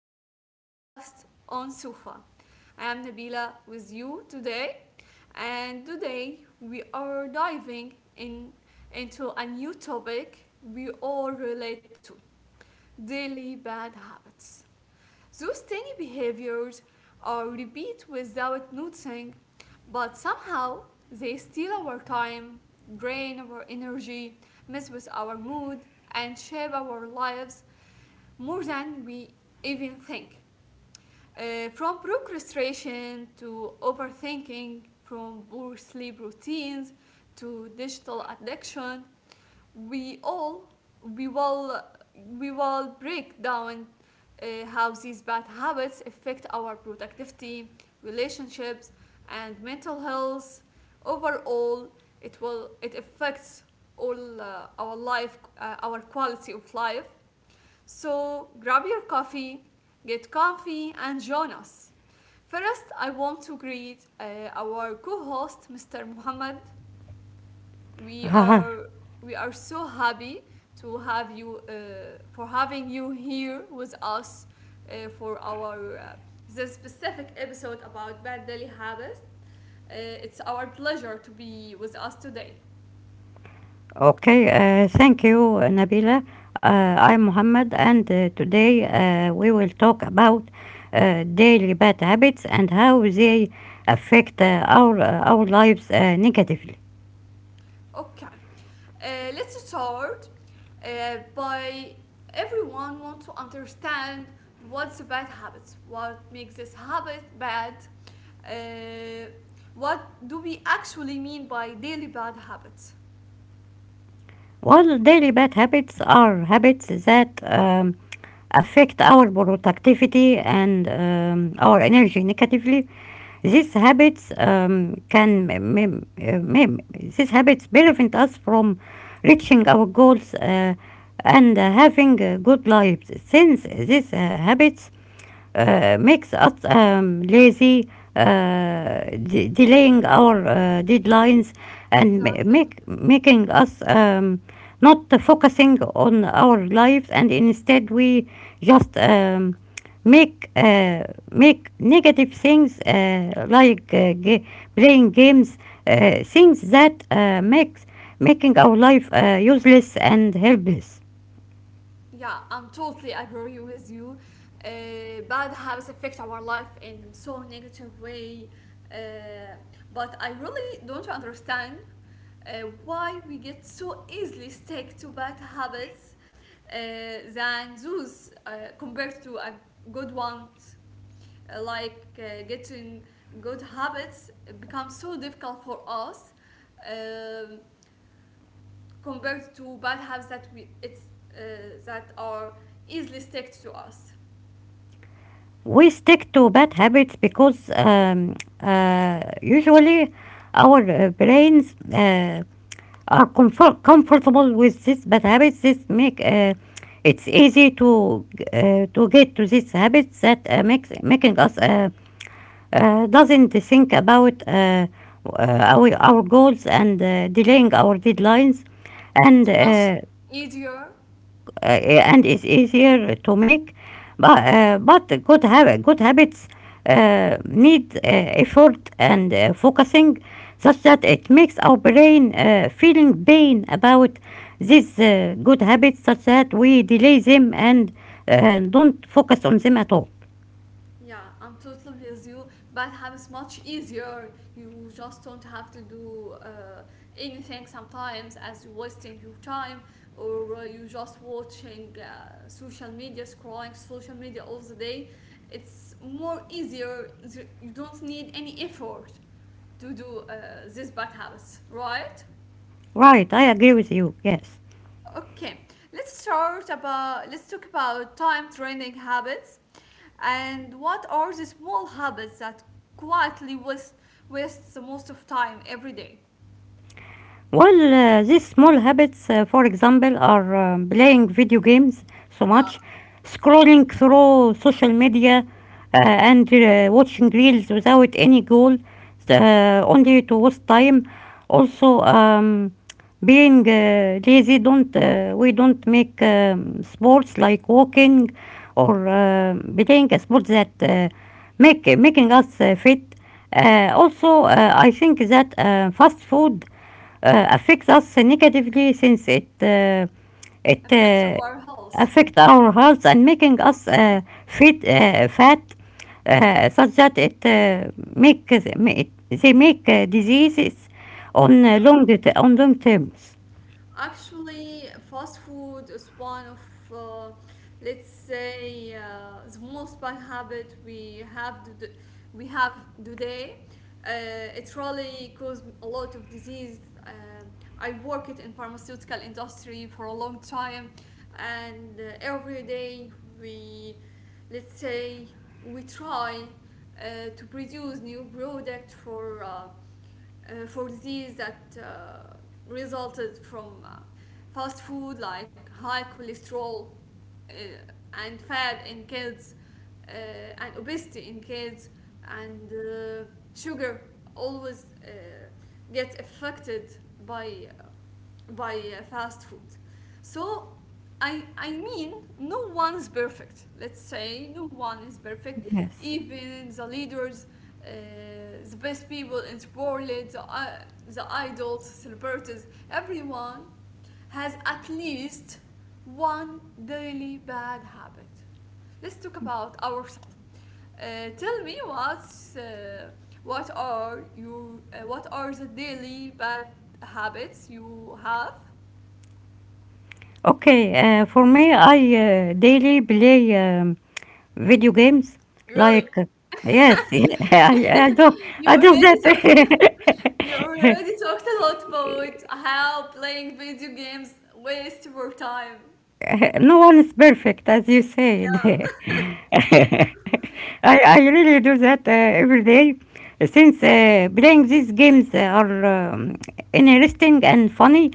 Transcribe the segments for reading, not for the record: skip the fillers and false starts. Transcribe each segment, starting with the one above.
favorite podcast on Sufa. I am Nabila with you today, and today we are diving in into a new topic we all relate to daily bad habits. Those tiny behaviors are repeated without noticing, but somehow they steal our time, drain our energy, mess with our mood, and shape our lives more than we even think. From procrastination to overthinking, from poor sleep routines to digital addiction, we all we will we will break down how these bad habits affect our productivity, relationships, and mental health. Overall, it affects all our life, our quality of life. So grab your coffee, get comfy, and join us. First, I want to greet our co-host, Mr. Muhammad. We Haha. are we are so happy to have you for having you here with us for our this specific episode about bad daily habits. It's our pleasure to be with us today. Okay, thank you, Nabila. I'm Muhammad, and today we will talk about daily bad habits and how they affect our lives negatively. Okay, let's start by everyone want to understand what's a bad habit, what makes this habit bad, uh, what do we actually mean by daily bad habits? Well, daily bad habits are habits that affect our productivity and our energy negatively. These habits can mem- mem- these habits prevent us from reaching our goals and having good lives. Since these habits makes us lazy, uh, delaying our deadlines, and ma- Exactly. make making us not focusing on our lives, and instead we just make uh, make negative things like playing games, things that makes making our life useless and helpless. Yeah, I'm totally agree with you. Bad habits affect our life in so negative way, uh, but I really don't understand why we get so easily stuck to bad habits uh, than those compared to a good ones. Like getting good habits become so difficult for us um compared to bad habits that we it's that are easily stuck to us. We stick to bad habits because usually our brains are comfortable with these bad habits. This make it's easy to get to these habits that makes making us doesn't think about our goals and delaying our deadlines and It's much easier. Yeah, and it's easier to make. But Yeah. uh, but good habits need effort and focusing, such that it makes our brain feeling pain about these good habits, such that we delay them and don't focus on them at all. Yeah, I'm totally with you. But how is much easier. You just don't have to do anything sometimes as you wasting your time or you just watching social media, scrolling social media all the day. It's more easier. You don't need any effort to do this bad habits, right? Right, I agree with you. Yes. Okay, let's talk about time training habits, and what are the small habits that quietly waste wastes the most of time every day? Well, these small habits, for example, are playing video games so Yeah, much, scrolling through social media, and watching reels without any goal, only to waste time. Also, being lazy, don't we don't make sports like walking or playing a sport that make making us fit. Also, I think that fast food affects us negatively since it it affects our health. affect our health and making Yeah. us fit fat such that they make diseases on on long terms. Actually, fast food is one of, uh, let's say, the most bad habit we have to do- we have today. Uh, it really caused a lot of disease. Um I worked in pharmaceutical industry for a long time, and every day we, let's say, we try to produce new product for disease that resulted from fast food like high cholesterol uh, and fat in kids uh, and obesity in kids and sugar always gets affected by by fast food. So I mean no one's perfect. Let's say no one is perfect. Yes. Even the leaders, uh, the best people in the world, the idols, celebrities, everyone has at least one daily bad habit. Let's talk about ourselves. Tell me what's what are you what are the daily bad habits you have. Okay. For me, I daily play video games, like, Really, yes. You I do already so that. you already talked a lot about how playing video games waste your time. No one is perfect, as you said. Yeah, I really do that every day since playing these games are interesting and funny.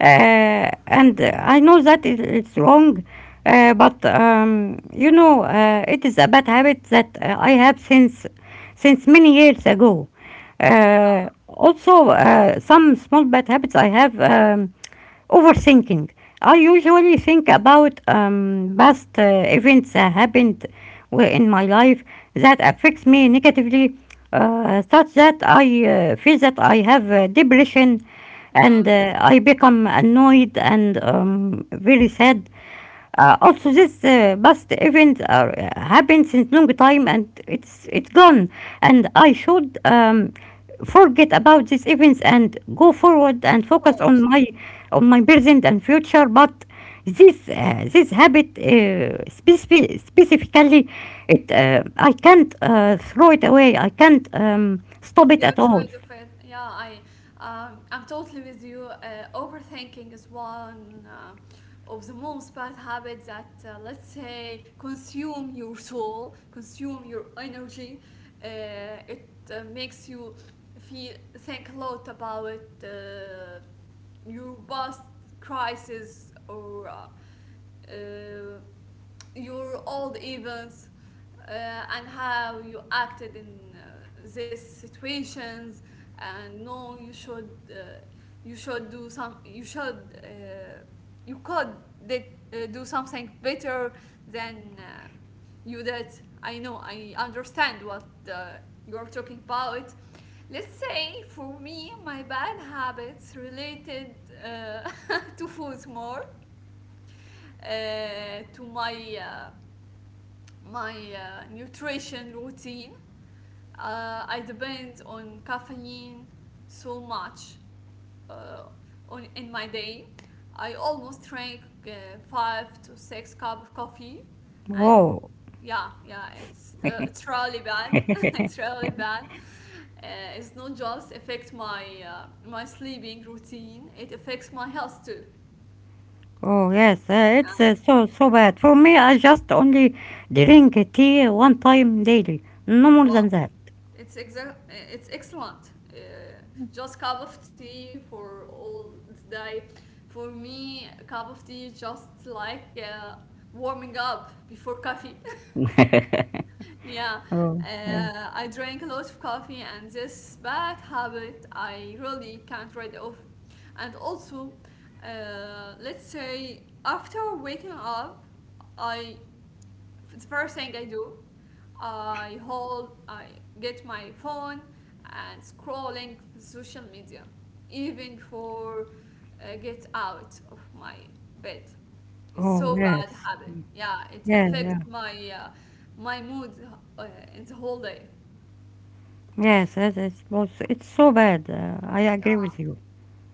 And I know that it's wrong, but it is a bad habit that I have since many years ago. Also, some small bad habits I have. Overthinking. I usually think about past events that happened in my life that affects me negatively, such that I feel that I have depression yeah, and I become annoyed and very sad. Also, this past event are, happened since long time, and it's gone. And I should forget about these events and go forward and of focus on course. My present and future. But this habit specifically, it I can't throw it away. I can't stop it at Get all. rid of it. Yeah, I'm totally with you. Overthinking is one of the most bad habits that, let's say, consume your soul, consume your energy. Uh, it makes you feel think a lot about your past crisis or uh, your old events uh, and how you acted in these situations and no you should you should do some you should you could did, do something better than you did. I understand what uh, you're talking about. Let's say for me my bad habits related uh, to food more to my my nutrition routine. I depend on caffeine so much uh, on in my day. I almost drink uh, five to six cup of coffee, and Whoa. yeah, yeah, it's really bad. it's really bad. Uh, it's not just affect my sleeping routine; it affects my health too. Oh yes, Yeah. it's so bad. For me, I just only drink tea one time daily, no more than Wow. that. It's excellent. Just cup of tea for all day. For me, a cup of tea is just like warming up before coffee. yeah, Oh yeah. I drink a lot of coffee, and this bad habit I really can't rid of. And also, let's say after waking up, I the first thing I do. I hold, I get my phone and scrolling social media, even for get out of my bed. It's Oh so bad yes. habit. Yeah, it Yeah, yeah. affects my mood uh, in the whole day. Yes, yes, it's so bad. I Yeah. agree with you.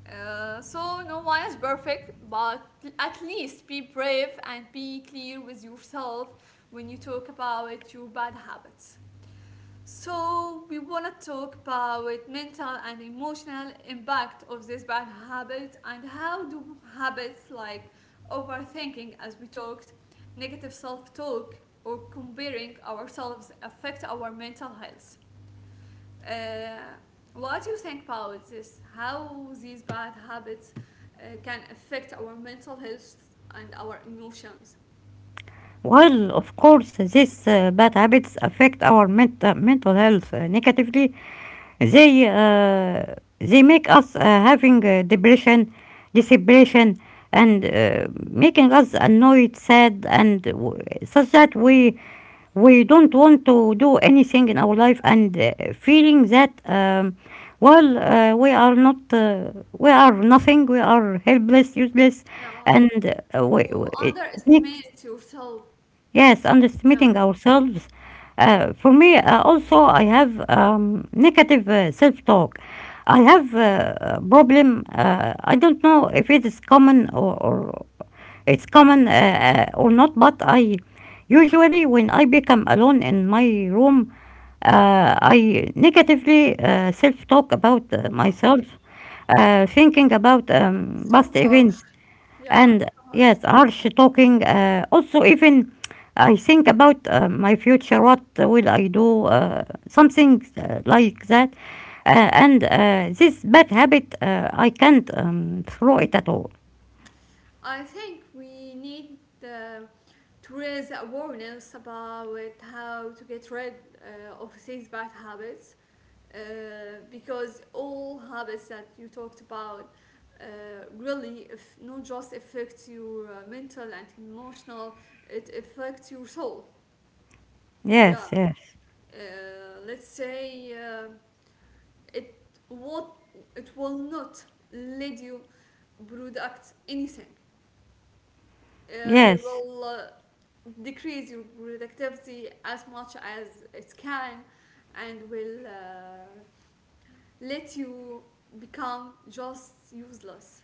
So no one is perfect, but at least be brave and be clear with yourself when you talk about your bad habits. So we want to talk about mental and emotional impact of this bad habit and how do habits like overthinking as we talked, negative self-talk or comparing ourselves affect our mental health. Uh, what do you think about this? How these bad habits can affect our mental health and our emotions? While of course these bad habits affect our mental health negatively, they make us having depression, and making us annoyed, sad, and such that we don't want to do anything in our life and feeling that we are nothing, we are helpless, useless, Yeah, and you we, it makes. underestimate yourself. Yes, Yeah, underestimating ourselves. For me, also, I have negative self-talk. I have a problem. I don't know if it is common or it's common or not, but I usually, when I become alone in my room, I negatively self-talk about wow, myself, thinking about past so hard. events. Yeah, it's And harsh. yes, harsh talking. Also, even I think about my future. What will I do? Something like that. And this bad habit, I can't throw it at all. I think we need to raise awareness about how to get rid of these bad habits uh, because all habits that you talked about uh, really, if not just affects your mental and emotional, it affects your soul. Yes, Yeah, yes, uh, let's say it what it will not lead you product anything. They yes. will decrease your productivity as much as it can and will let you become just useless.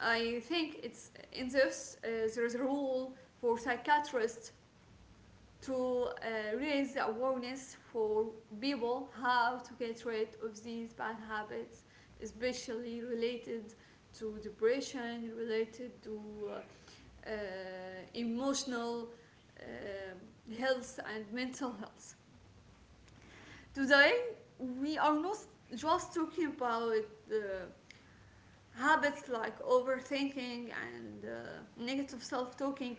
I think it's in this there is a role for psychiatrists to raise the awareness for people how to get rid of these bad habits, especially related to depression, related to uh, emotional health and mental health. Today, we are not just talking about uh, habits like overthinking and negative self talking.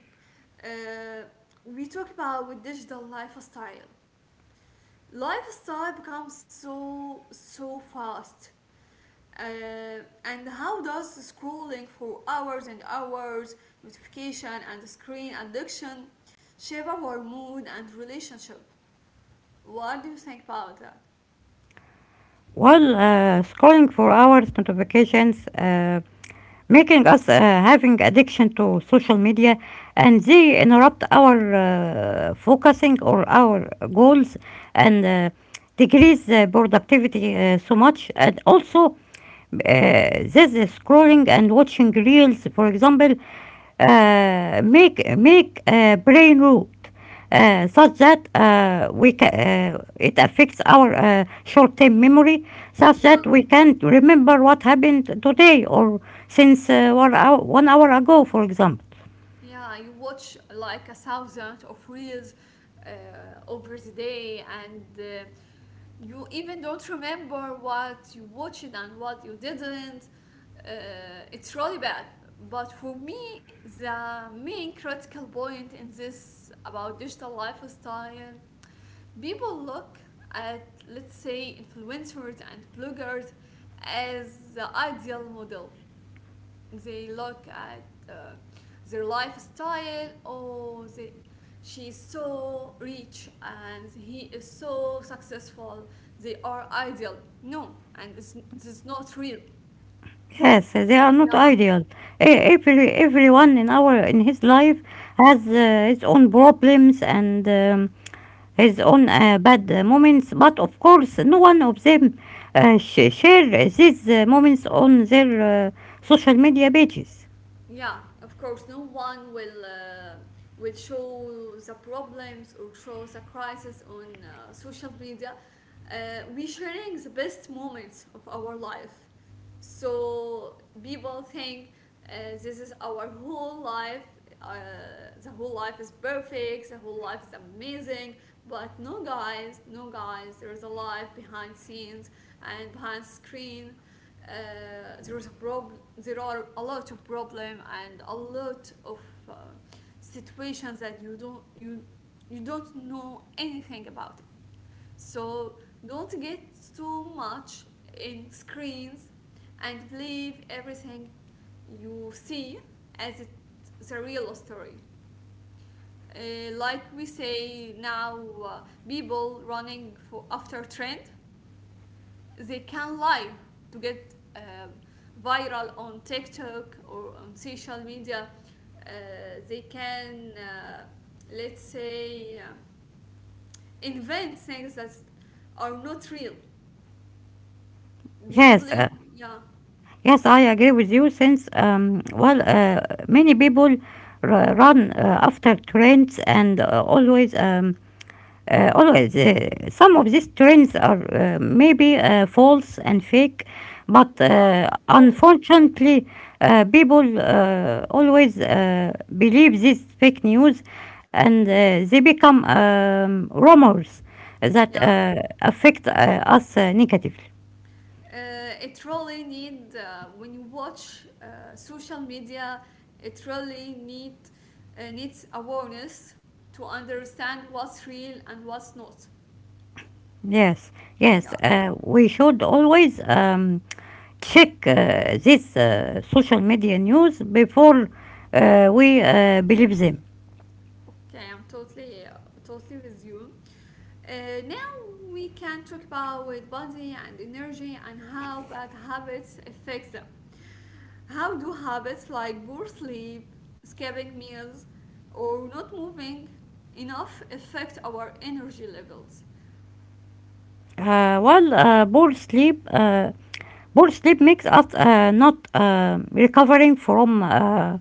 Uh, we talk about digital lifestyle. Lifestyle becomes so so fast. And how does scrolling for hours and hours, notification and screen addiction shape our mood and relationship? What do you think about that? While scrolling for hours, notifications. Making us having addiction to social media, and they interrupt our focusing or our goals, and decrease productivity so much. And also this scrolling and watching reels, for example, make brain rot, such that it affects our short-term memory, such Yeah, that we can't remember what happened today or since 1 hour ago, for example. yeah, you watch like a thousand of reels uh, over the day, and you even don't remember what you watched and what you didn't. It's really bad. But for me, the main critical point in this about digital lifestyle, people look at, let's say, influencers and bloggers as the ideal model. They look at their lifestyle. Oh, they, she's so rich and he is so successful, they are ideal. No, and it's not real. Yes, they are not Yeah. ideal. Everyone in his life has his own problems and his own bad moments. But of course, no one of them share these moments on their social media pages. Yeah, of course, no one will show the problems or show the crisis on social media. We sharing the best moments of our life, so people think this is our whole life. Uh, the whole life is perfect. The whole life is amazing. But no, guys, no, guys. There is a life behind scenes and behind screen. There are a lot of problem and a lot of uh, situations that you don't know anything about it, so don't get too much in screens and believe everything you see as it's a real story. uh, like we say now, uh, people running for after trend, they can lie to get viral on TikTok or on social media. Uh, they can, let's say, invent things that are not real. Do you Yes, uh, believe? Yeah, Yes, I agree with you since, well, many people run after trends and always, some of these trends are maybe false and fake, but yeah, of course. unfortunately, people always believe this fake news, and they become rumors that Yeah. Affect us negatively. It really need when you watch social media. It really need needs awareness to understand what's real and what's not. Yes, yes. Yeah. We should always check this social media news before we believe them. Okay, I'm totally, totally with you. Uh, now we can talk about body and energy and how bad habits affect them. How do habits like poor sleep, skipping meals, or not moving enough affect our energy levels? Well, poor sleep makes us not recovering from uh,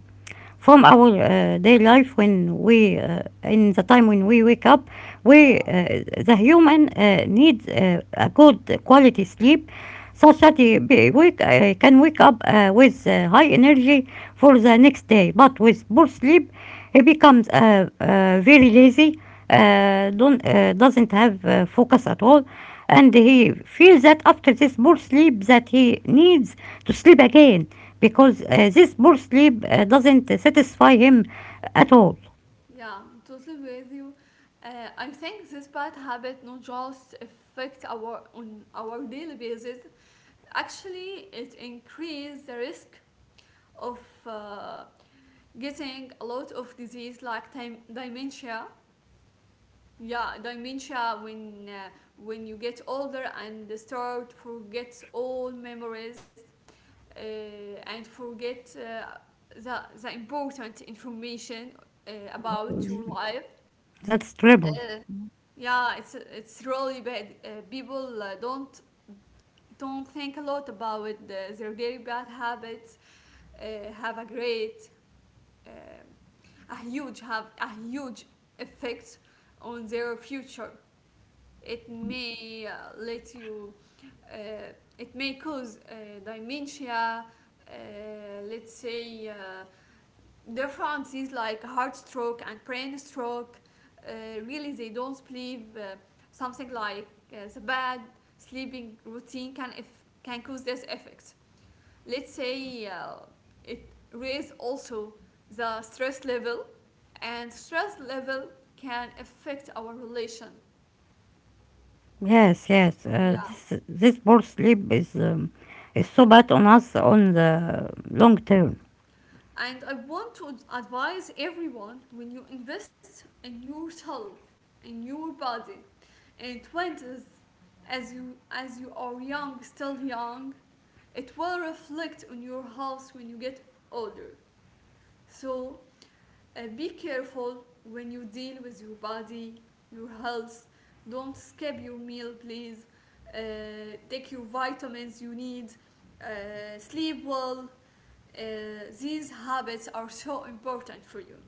from our day life when we in the time when we wake up. We Yeah. The human needs a good quality sleep, such that he can wake up with high energy for the next day. But with poor sleep, he becomes very lazy. Don't Doesn't have focus at all, and he feels that after this poor sleep that he needs to sleep again because this poor sleep doesn't satisfy him at all. Yeah, I'm totally with you. I think this bad habit not just affect our on our daily basis. Actually, it increase the risk of uh, getting a lot of disease like time dementia. Yeah, dementia when you get older and start forget all memories and forget the important information about your life. That's terrible. Uh, yeah, it's really bad. Uh, people don't think a lot about their daily bad habits have a great uh, a huge have a huge effect on their future. It may let you. Uh, it may cause dementia. Uh, let's say differences like heart stroke and brain stroke. Really, they don't believe something like the bad sleeping routine can if, can cause this effect, let's say it raises also the stress level, and stress level can affect our relation. Yes, yes, Yeah. this poor sleep is so bad on us on the long term. And I want to advise everyone, when you invest in yourself, in your body, in 20s, as you are young, still young, it will reflect on your health when you get older. So, be careful when you deal with your body, your health. Don't skip your meal, please. Take your vitamins you need. Sleep well. Uh, these habits are so important for you.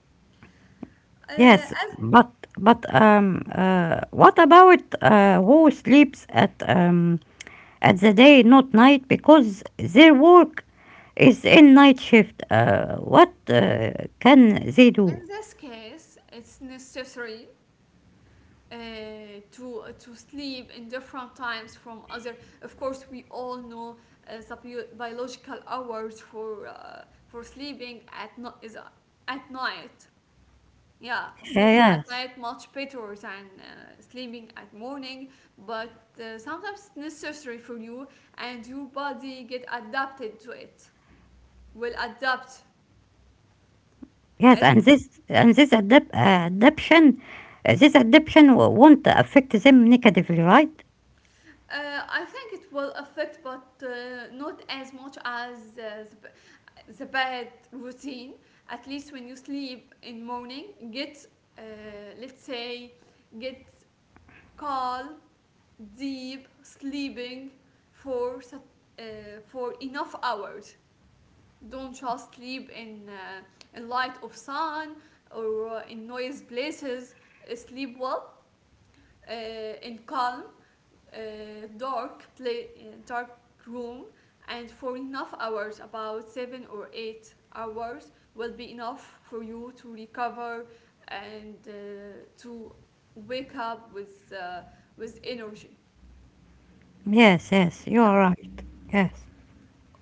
Yes, As but what about who sleeps at the day, not night, because their work is in night shift. What can they do? in this case, it's necessary, uh, to sleep in different times from other. Of course, we all know the biological hours for sleeping at is at night. Yeah, sleeping at Yes, night much better than sleeping at morning. But sometimes it's necessary for you, and your body get adapted to it. Will adapt yes, as and adaption, this adaption won't affect them negatively, right? I think it will affect, but not as much as the, the bad routine. At least when you sleep in morning, get uh, let's say get calm, deep sleeping for uh, for enough hours. Don't just sleep in light of sun or in noise places. Sleep well uh, in calm uh, dark room, and for enough hours, about 7 or 8 hours will be enough for you to recover and to wake up with energy. Yes, yes, you Yeah. are right. Yes.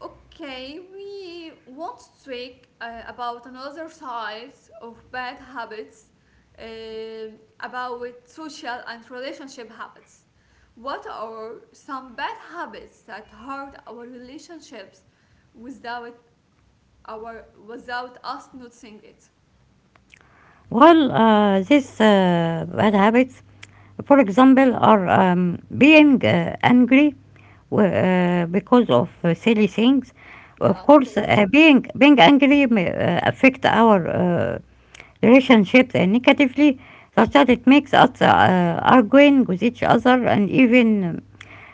Okay, we want to speak about another side of bad habits, uh, about social and relationship habits. What are some bad habits that hurt our relationships without our without us noticing it? Well, these bad habits, for example, are being angry because of silly things. Of Yeah, of course, course. Being angry may affect our relationships and negatively, such that it makes us arguing with each other and even um,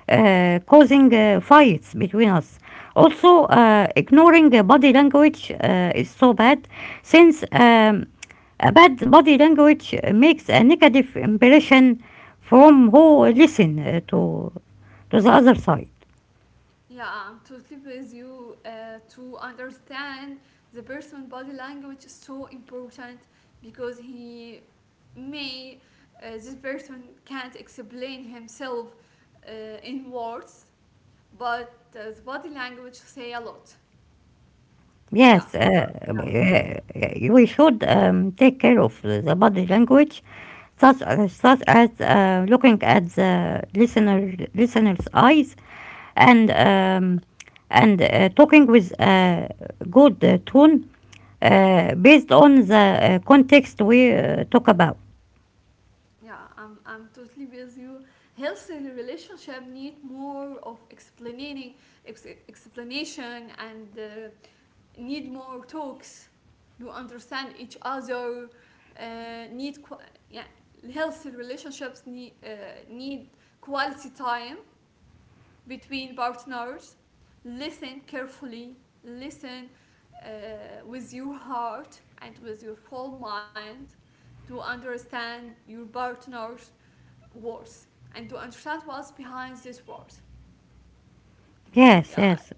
uh, causing fights between us. Also, ignoring body language is so bad since a bad body language makes a negative impression from who listen to the other side. Yeah, I'm totally with you. To understand the person body language is so important because he may this person can't explain himself uh, in words, but the body language say a lot. Yeah, Yes, yeah, we should take care of the body language, such as looking at the listener's eyes and talking with a good tone based on the context we talk about. yeah. I'm totally with you. Healthy relationship need more of explaining explanation and. Need more talks to understand each other, uh, need qu- yeah, healthy relationships need, need quality time between partners, listen carefully, listen with your heart and with your full mind to understand your partner's words and to understand what's behind this words. Yes, Yeah, yes.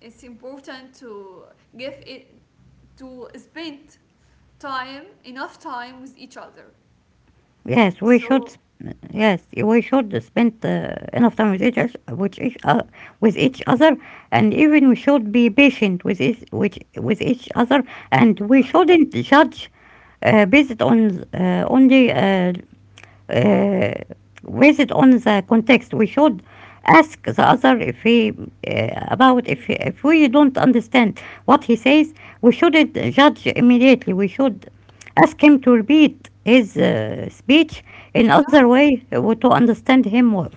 it's important to give it, to spend time, enough time with each other. Yes, we should. sp- So, Yes, we should spend enough time with each oth- with each other, and even we should be patient with each other, and we exactly. shouldn't judge uh, based on uh, only uh, uh, based on the context. We should ask the other if he about if we don't understand what he says. We shouldn't judge immediately. We should ask him to repeat his speech in Yeah, other way to understand him well.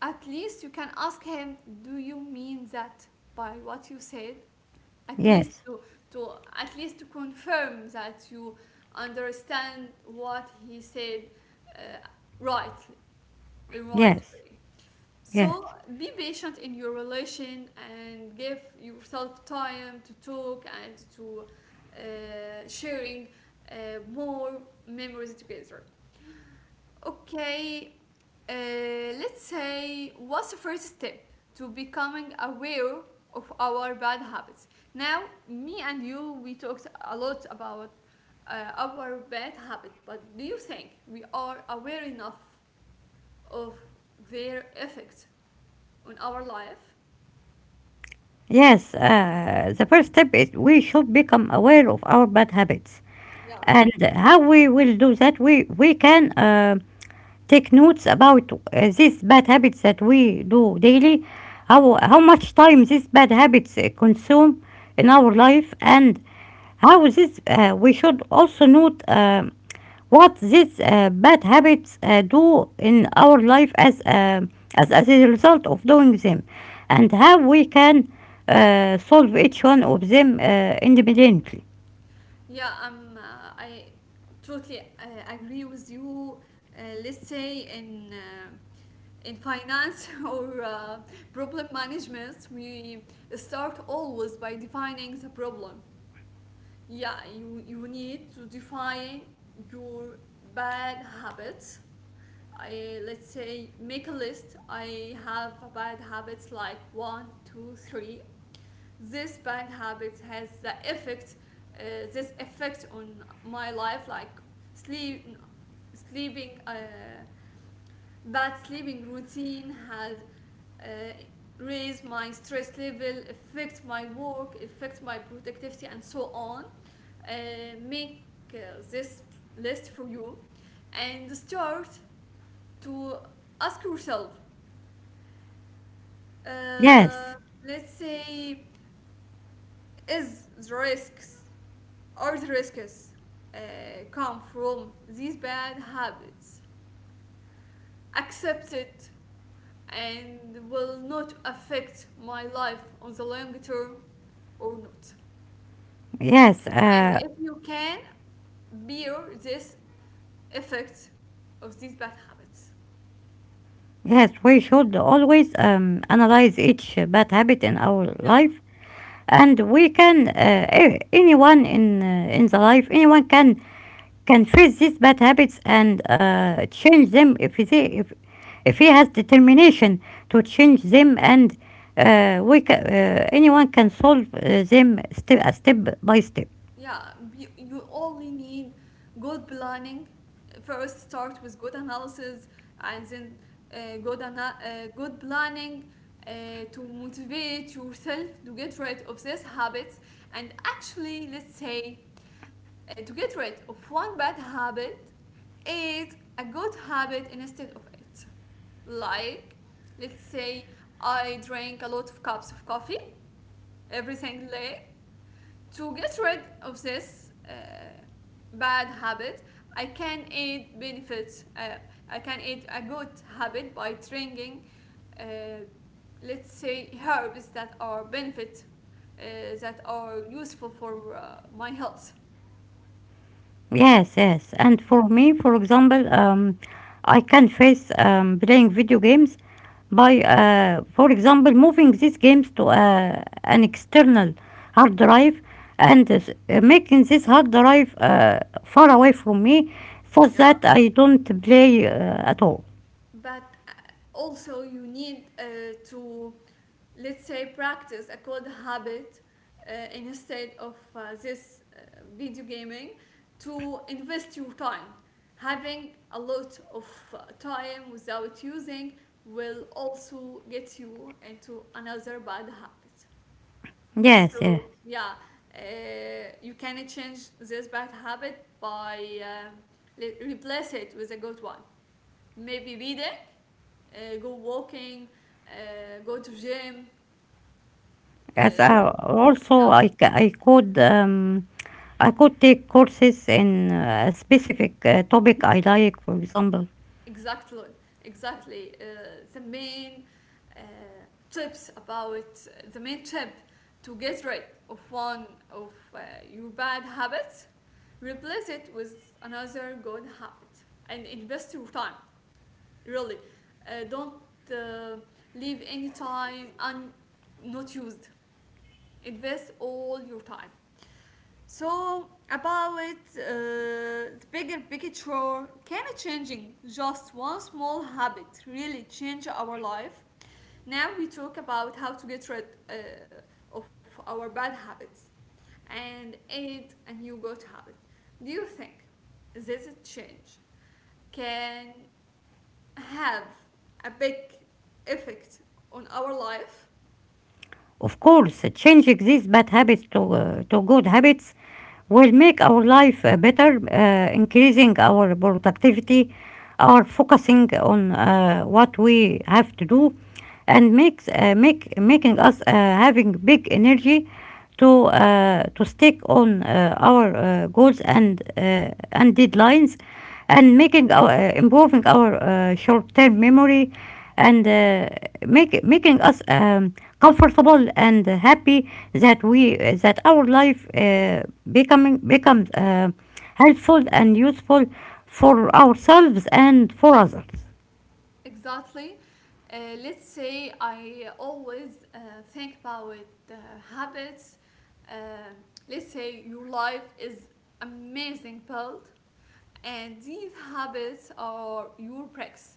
at least you can ask him, do you mean that by what you said? At least Yes, to at least to confirm that you understand what he said uh, right, right yes, way. yes, So be patient in your relation and give yourself time to talk and to sharing uh, more memories together. Okay, uh, let's say what's the first step to becoming aware of our bad habits? Now, me and you, we talked a lot about our bad habit, but do you think we are aware enough of their effect on our life? yes. The first step is we should become aware of our bad habits, Yeah. and how we will do that. We can. Take notes about these bad habits that we do daily, how much time these bad habits consume in our life, and how this we should also note what these bad habits do in our life as a result of doing them, and how we can solve each one of them independently. Yeah, I'm. I totally agree with you. Let's say in finance or problem management, we start always by defining the problem. Yeah, you need to define your bad habits. I let's say make a list. I have bad habits like one, two, three. This bad habit has the effect uh, this effect on my life like sleep sleeping bad sleeping routine has uh, raised my stress level, affect my work, affect my productivity and so on. uh, Make uh, this list for you and start to ask yourself, uh, Yes, let's say, is the risks or the risks come from these bad habits. Accept it and will not affect my life on the long term or not. yes, And uh, if you can bear this effect of these bad habits. Yes, we should always analyze each bad habit in our life, Yeah. and anyone anyone can face these bad habits and change them if he has determination to change them. And anyone can solve them step by step. Yeah, you only need good planning. First, start with good analysis and then good, good planning to motivate yourself to get rid of these habits. And actually, let's say to get rid of one bad habit is a good habit instead of it. Like, let's say I drink a lot of cups of coffee every single day. To get rid of this bad habit, I can aid benefits. I can aid a good habit by drinking, uh, let's say, herbs that are benefit, uh, that are useful for my health. Yes, yes. Yeah. And for me, for example, I can face playing video games by, for example, moving these games to an external hard drive, and making this hard drive far away from me, so Yeah. that I don't play at all. But also, you need to let's say practice a good habit instead of this video gaming, to invest your time. Having a lot of time without using will also get you into another bad habit. So Yes, yes. yeah, uh, you can change this bad habit by um, replace it with a good one, maybe reading, go walking, go to gym. As uh, I, also, yeah. I could take courses in a specific topic I like, for example. Exactly, exactly. Uh, tips about the main tip to get rid of one of your bad habits, replace it with another good habit, and invest your time. Really, don't uh, leave any time not used. Invest all your time. So about the bigger picture, can changing just one small habit really change our life? Now we talk about how to get rid of our bad habits and add a new good habit. Do you think this change can have a big effect on our life? Of course, changing these bad habits to, good habits will make our life better, increasing our productivity, our focusing on what we have to do, and makes make making us having big energy to stick on our goals and deadlines, and making our improving our short-term memory, and making us comfortable and happy that we that our life becoming becomes helpful and useful for ourselves and for others. Exactly. Let's say I always think about uh, habits. Uh, let's say your life is amazing built, and these habits are your bricks,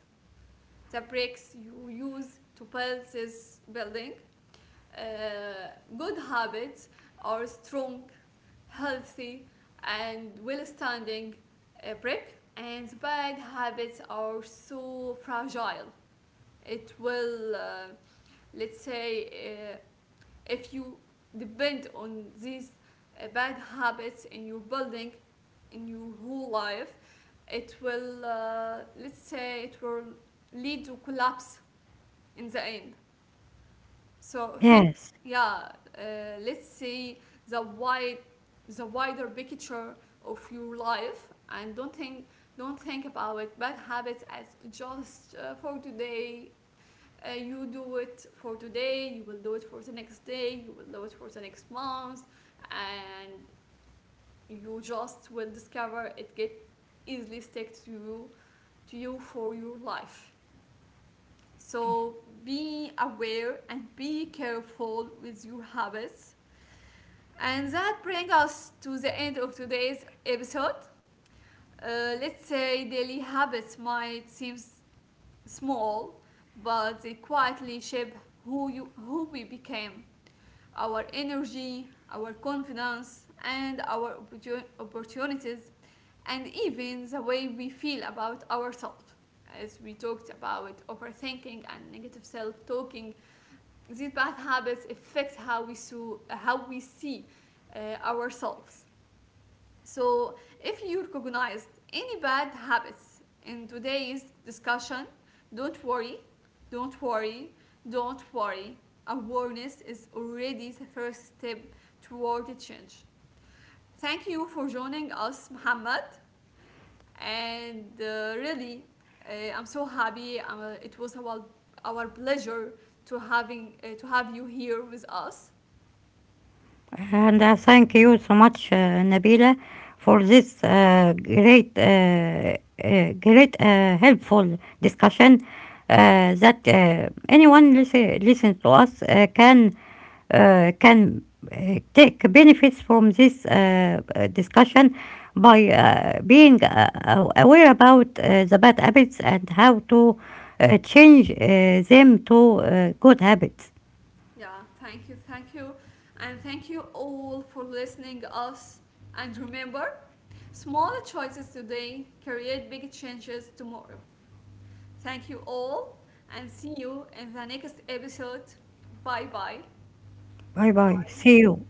the bricks you use to build this building. Uh, Good habits are strong, healthy, and well-standing brick, and bad habits are so fragile. It will let's say if you depend on these bad habits in your building, in your whole life, it will let's say it will lead to collapse in the end. So think. Yes. Yeah, uh, let's see the wide, the wider picture of your life, and don't think about bad habits as just for today. Uh, you do it for today, you will do it for the next day, you will do it for the next month, and you just will discover it get easily stick to you, for your life. So be aware and be careful with your habits. And that brings us to the end of today's episode. Let's say daily habits might seem small, but they quietly shape who you, who we became, our energy, our confidence, and our opportunities, and even the way we feel about ourselves. As we talked about overthinking and negative self-talking, these bad habits affect how we, how we see ourselves. So, if you recognized any bad habits in today's discussion, don't worry, don't worry, don't worry. Awareness is already the first step toward the change. Thank you for joining us, Mohammed. And really, I'm so happy. It was our pleasure to having to have you here with us. And thank you so much, Nabila, for this great, helpful discussion that anyone listen to us can take benefits from this discussion by being aware about the bad habits and how to change them to good habits. Yeah, thank you, thank you. And thank you all for listening us. And remember, small choices today create big changes tomorrow. Thank you all and see you in the next episode. Bye bye. Bye bye. Bye. See you.